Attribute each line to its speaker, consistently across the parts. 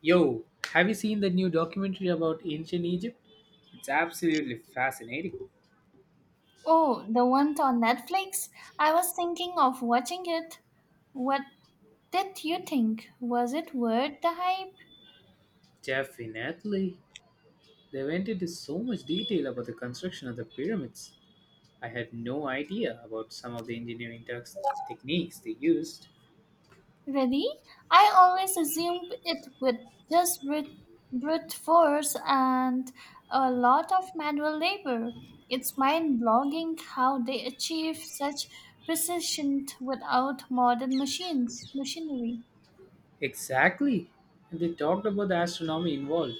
Speaker 1: Yo, have you seen the new documentary about ancient Egypt? It's absolutely fascinating.
Speaker 2: Oh, the one on Netflix? I was thinking of watching it. What did you think? Was it worth the hype?
Speaker 1: Definitely. They went into so much detail about the construction of the pyramids. I had no idea about some of the engineering techniques they used.
Speaker 2: Really? I always assumed it would just brute force and a lot of manual labor. It's mind-boggling how they achieve such precision without modern machinery.
Speaker 1: Exactly. And they talked about the astronomy involved,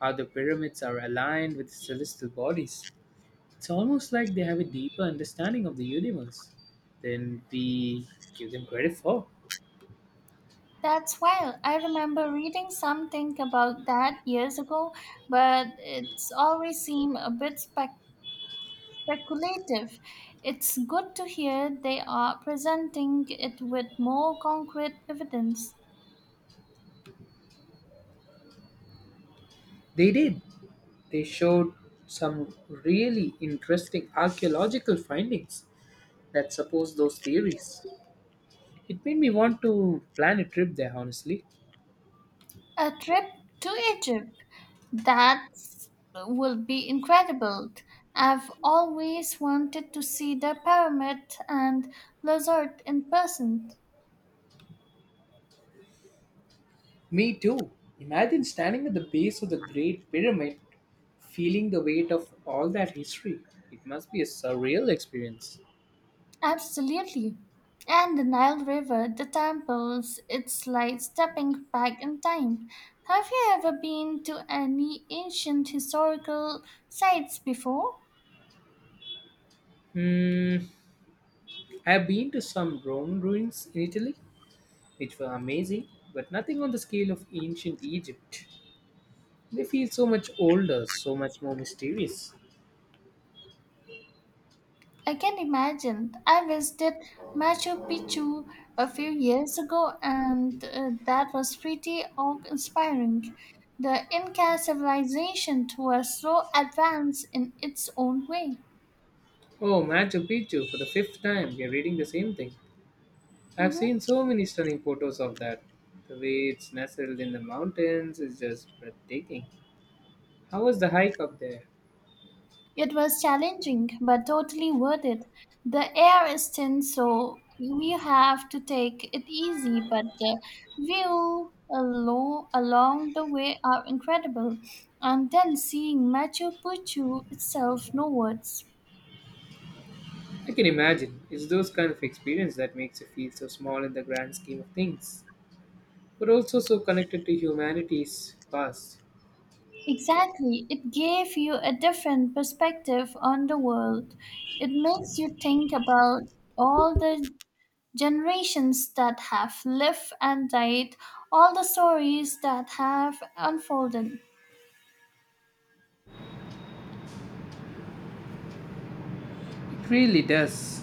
Speaker 1: how the pyramids are aligned with celestial bodies. It's almost like they have a deeper understanding of the universe than we give them credit for.
Speaker 2: That's wild. I remember reading something about that years ago, but it's always seemed a bit speculative. It's good to hear they are presenting it with more concrete evidence.
Speaker 1: They did. They showed some really interesting archaeological findings that support those theories. It made me want to plan a trip there, honestly.
Speaker 2: A trip to Egypt, that will be incredible. I've always wanted to see the pyramid and Lazard in person.
Speaker 1: Me too. Imagine standing at the base of the Great Pyramid, feeling the weight of all that history. It must be a surreal experience.
Speaker 2: Absolutely. And the Nile River, the temples, it's like stepping back in time. Have you ever been to any ancient historical sites before?
Speaker 1: Hmm, I have been to some Roman ruins in Italy, which were amazing, but nothing on the scale of ancient Egypt. They feel so much older, so much more mysterious.
Speaker 2: I can imagine. I visited Machu Picchu a few years ago, and that was pretty awe-inspiring. The Inca civilization was so advanced in its own way.
Speaker 1: Oh, Machu Picchu, for the fifth time, we are reading the same thing. I've
Speaker 2: Mhm.
Speaker 1: seen so many stunning photos of that. The way it's nestled in the mountains is just breathtaking. How was the hike up there?
Speaker 2: It was challenging, but totally worth it. The air is thin, so we have to take it easy, but the view along the way are incredible. And then seeing Machu Picchu itself, no words.
Speaker 1: I can imagine. It's those kind of experience that makes you feel so small in the grand scheme of things, but also so connected to humanity's past.
Speaker 2: Exactly, it gave you a different perspective on the world. It makes you think about all the generations that have lived and died, all the stories that have unfolded.
Speaker 1: It really does.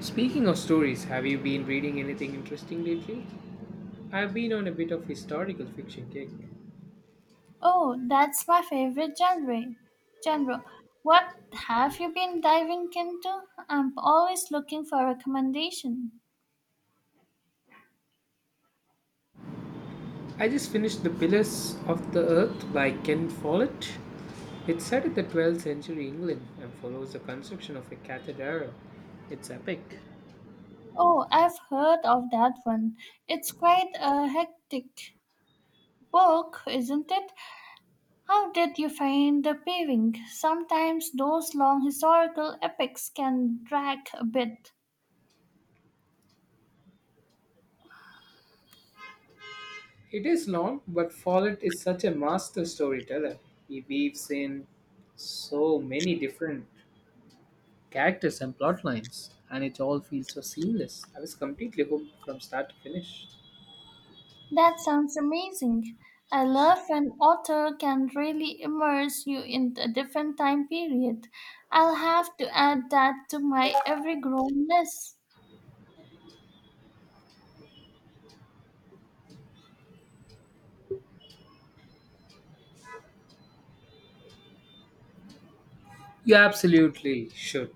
Speaker 1: Speaking of stories, have you been reading anything interesting lately? I've been on a bit of historical fiction kick.
Speaker 2: Oh, that's my favorite genre. Genre. What have you been diving into? I'm always looking for recommendation.
Speaker 1: I just finished The Pillars of the Earth by Ken Follett. It's set in the 12th century England and follows the construction of a cathedral. It's epic.
Speaker 2: Oh, I've heard of that one. It's quite a hectic book, isn't it? How did you find the paving? Sometimes those long historical epics can drag a bit.
Speaker 1: It is long, but Follett is such a master storyteller. He weaves in so many different characters and plot lines, and it all feels so seamless. I was completely hooked from start to finish.
Speaker 2: That sounds amazing. I love when author can really immerse you in a different time period. I'll have to add that to my every grown list.
Speaker 1: You absolutely should.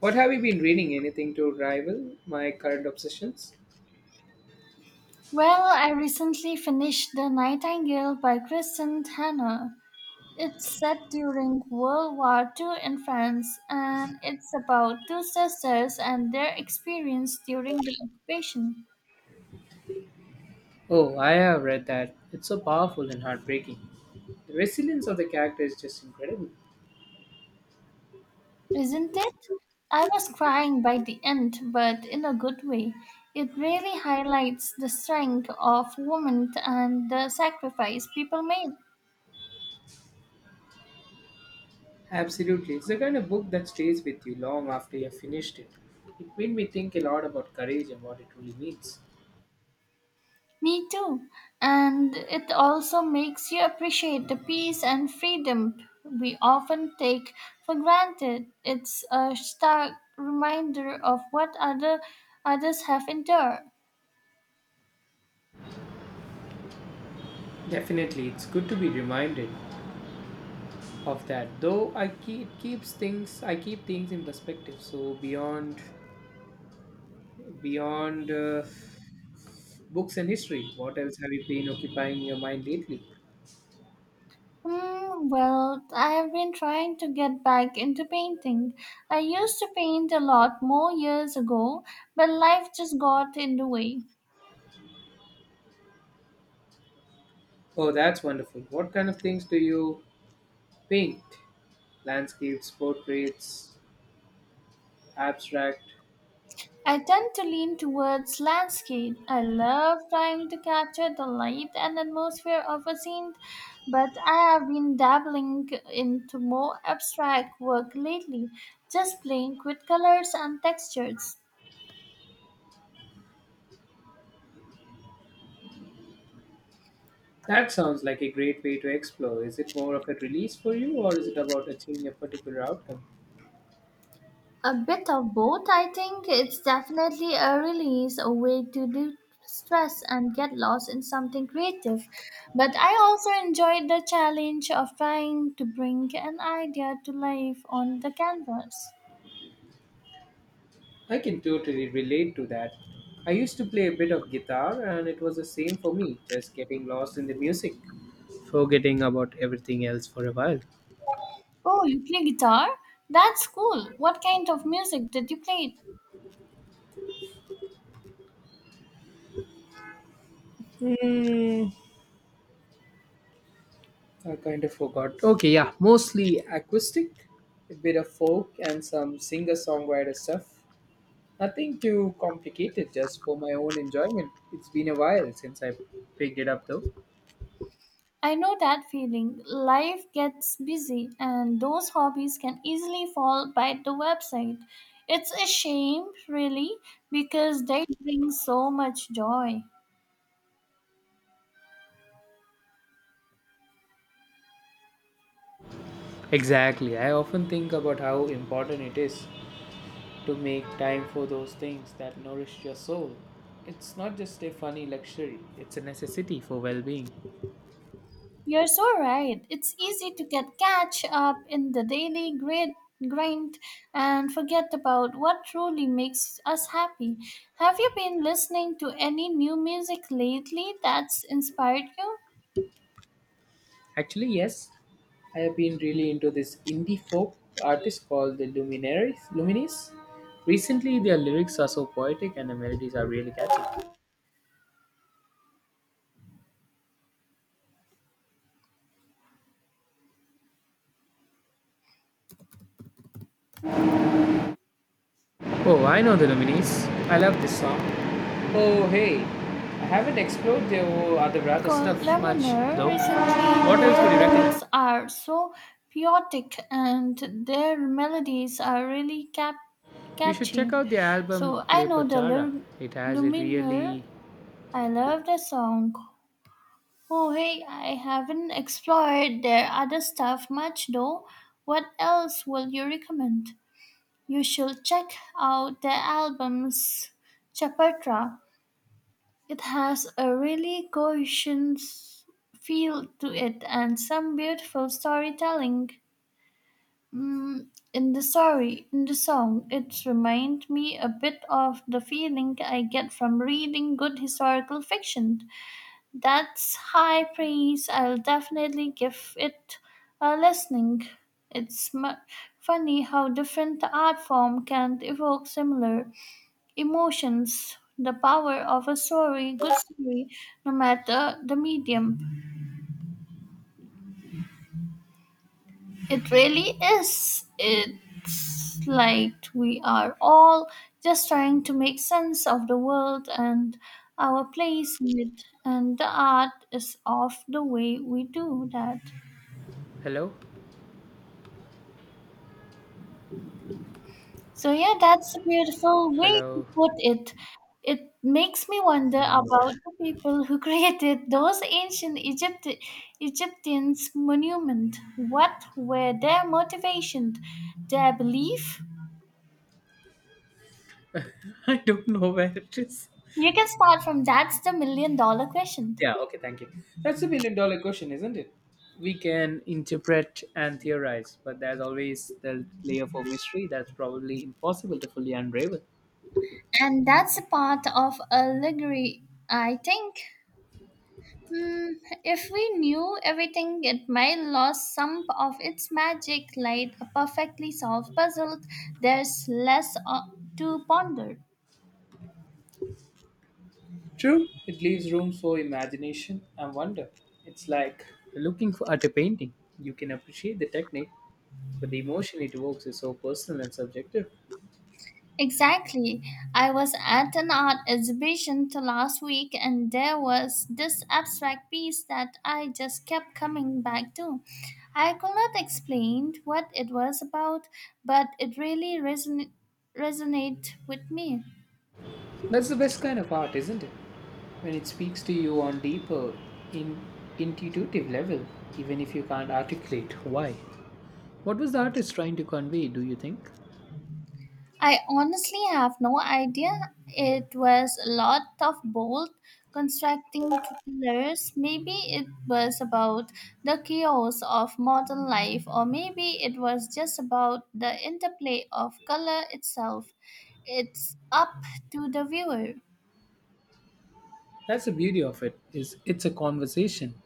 Speaker 1: What have you been reading? Anything to rival my current obsessions?
Speaker 2: Well, I recently finished The Nightingale by Kristen Hanna. It's set during World War II in France, and it's about two sisters and their experience during the occupation.
Speaker 1: Oh, I have read that. It's so powerful and heartbreaking. The resilience of the character is just incredible.
Speaker 2: Isn't it? I was crying by the end, but in a good way. It really highlights the strength of women and the sacrifice people made.
Speaker 1: Absolutely. It's the kind of book that stays with you long after you have finished it. It made me think a lot about courage and what it really means.
Speaker 2: Me too. And it also makes you appreciate the peace and freedom we often take for granted. It's a stark reminder of what others have endured.
Speaker 1: Definitely, it's good to be reminded of that. Though I keep it keeps things I keep things in perspective. So beyond books and history, what else have you been occupying your mind lately?
Speaker 2: Hmm, well, I've been trying to get back into painting. I used to paint a lot more years ago, but life just got in the way.
Speaker 1: Oh, that's wonderful. What kind of things do you paint? Landscapes, portraits, abstract?
Speaker 2: I tend to lean towards landscape. I love trying to capture the light and atmosphere of a scene, but I have been dabbling into more abstract work lately, just playing with colors and textures.
Speaker 1: That sounds like a great way to explore. Is it more of a release for you or is it about achieving a particular outcome?
Speaker 2: A bit of both, I think. It's definitely a release, a way to de stress and get lost in something creative. But I also enjoyed the challenge of trying to bring an idea to life on the canvas.
Speaker 1: I can totally relate to that. I used to play a bit of guitar and it was the same for me, just getting lost in the music, forgetting about everything else for a while.
Speaker 2: Oh, you play guitar? That's cool. What kind of music did you play?
Speaker 1: Hmm. I kind of forgot. Okay, yeah, mostly acoustic, a bit of folk and some singer-songwriter stuff. Nothing too complicated, just for my own enjoyment. It's been a while since I picked it up though.
Speaker 2: I know that feeling. Life gets busy, and those hobbies can easily fall by the website. It's a shame, really, because they bring so much joy.
Speaker 1: Exactly. I often think about how important it is to make time for those things that nourish your soul. It's not just a funny luxury, it's a necessity for well-being.
Speaker 2: You're so right. It's easy to get catch up in the daily grid grind and forget about what truly makes us happy. Have you been listening to any new music lately that's inspired you?
Speaker 1: Actually, yes. I have been really into this indie folk artist called the Luminaries. Luminis. Recently, their lyrics are so poetic and the melodies are really catchy. Oh, I know the Luminis. I love this song. Oh, hey. I haven't explored their other stuff
Speaker 2: Called
Speaker 1: much
Speaker 2: Lemoner
Speaker 1: though.
Speaker 2: recently
Speaker 1: What else
Speaker 2: their
Speaker 1: would you recommend?
Speaker 2: lyrics are so poetic and their melodies are really
Speaker 1: You should check
Speaker 2: catchy.
Speaker 1: out the album
Speaker 2: So I know the
Speaker 1: Cleopatra. It has a
Speaker 2: Luminer.
Speaker 1: really
Speaker 2: I love the song. Oh hey, I haven't explored their other stuff much though. What else will you recommend? You should check out their albums Chapartra. It has a really cohesion feel to it and some beautiful storytelling. Mm, in the story, in the song, it reminds me a bit of the feeling I get from reading good historical fiction. That's high praise. I'll definitely give it a listening. It's funny how different the art form can evoke similar emotions, the power of a story, good story, no matter the medium. It really is. It's like we are all just trying to make sense of the world and our place in it, and the art is of the way we do that.
Speaker 1: hello,
Speaker 2: So yeah, that's a beautiful way to
Speaker 1: hello.
Speaker 2: put it. It makes me wonder
Speaker 1: Thank God.
Speaker 2: about the people who created those ancient Egyptians monument. What were their motivations, their belief?
Speaker 1: I don't know where it is.
Speaker 2: You can start from that's the million dollar question.
Speaker 1: Yeah, okay, thank you. That's a million dollar question, isn't it? We can interpret and theorize, but there's always the layer for mystery that's probably impossible to fully unravel.
Speaker 2: And that's a part of allegory, I think. Hmm, if we knew everything, it might lose some of its magic, like a perfectly solved puzzle. There's less to ponder.
Speaker 1: True, it leaves room for imagination and wonder. It's like looking for at a painting. You can appreciate the technique, but the emotion it evokes is so personal and subjective.
Speaker 2: Exactly. I was at an art exhibition last week, and there was this abstract piece that I just kept coming back to. I could not explain what it was about, but it really resonated with me.
Speaker 1: That's the best kind of art, isn't it? When it speaks to you on deeper, in intuitive level, even if you can't articulate why. What was the artist trying to convey, do you think?
Speaker 2: I honestly have no idea. It was a lot of bold constructing pillars. Maybe it was about the chaos of modern life, or maybe it was just about the interplay of color itself. It's up to the viewer.
Speaker 1: That's the beauty of it, is it's a conversation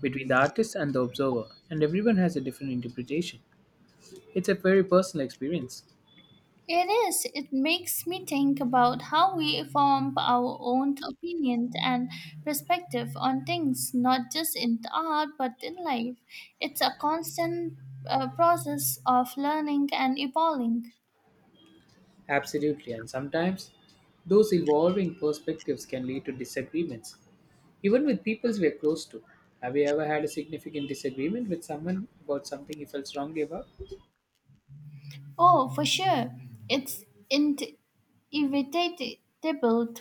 Speaker 1: between the artist and the observer, and everyone has a different interpretation. It's a very personal experience.
Speaker 2: It is. It makes me think about how we form our own opinion and perspective on things, not just in art but in life. It's a constant process of learning and evolving.
Speaker 1: Absolutely, and sometimes those evolving perspectives can lead to disagreements, even with peoples we're close to. Have you ever had a significant disagreement with someone about something you felt strongly about?
Speaker 2: Oh, for sure. It's inevitable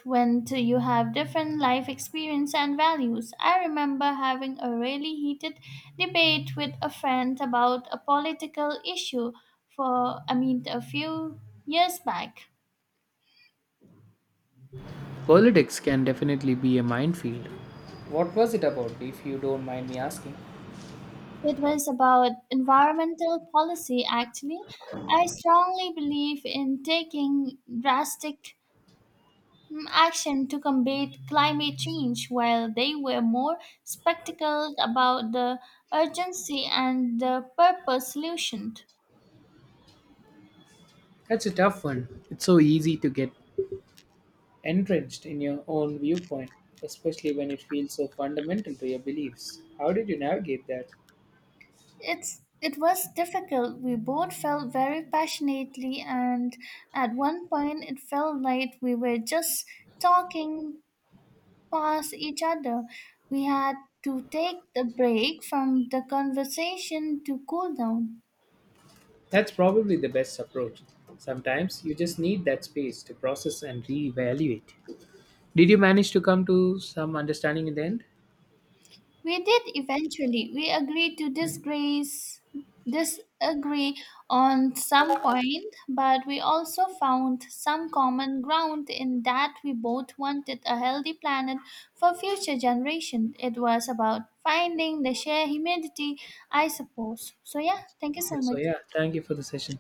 Speaker 2: when you have different life experience and values. I remember having a really heated debate with a friend about a political issue for, I mean, a few years back.
Speaker 1: Politics can definitely be a minefield. What was it about, if you don't mind me asking?
Speaker 2: It was about environmental policy, actually. I strongly believe in taking drastic action to combat climate change while they were more spectacled about the urgency and the purpose solution.
Speaker 1: That's a tough one. It's so easy to get entrenched in your own viewpoint, especially when it feels so fundamental to your beliefs. How did you navigate that?
Speaker 2: It was difficult. We both felt very passionately, and at one point, it felt like we were just talking past each other. We had to take a break from the conversation to cool down.
Speaker 1: That's probably the best approach. Sometimes you just need that space to process and reevaluate. Did you manage to come to some understanding in the end?
Speaker 2: We did eventually. We agreed to disagree on some point, but we also found some common ground in that we both wanted a healthy planet for future generations. It was about finding the shared humanity, I suppose. So, yeah, thank you
Speaker 1: Yeah,
Speaker 2: so
Speaker 1: so
Speaker 2: much.
Speaker 1: yeah, thank you for the session.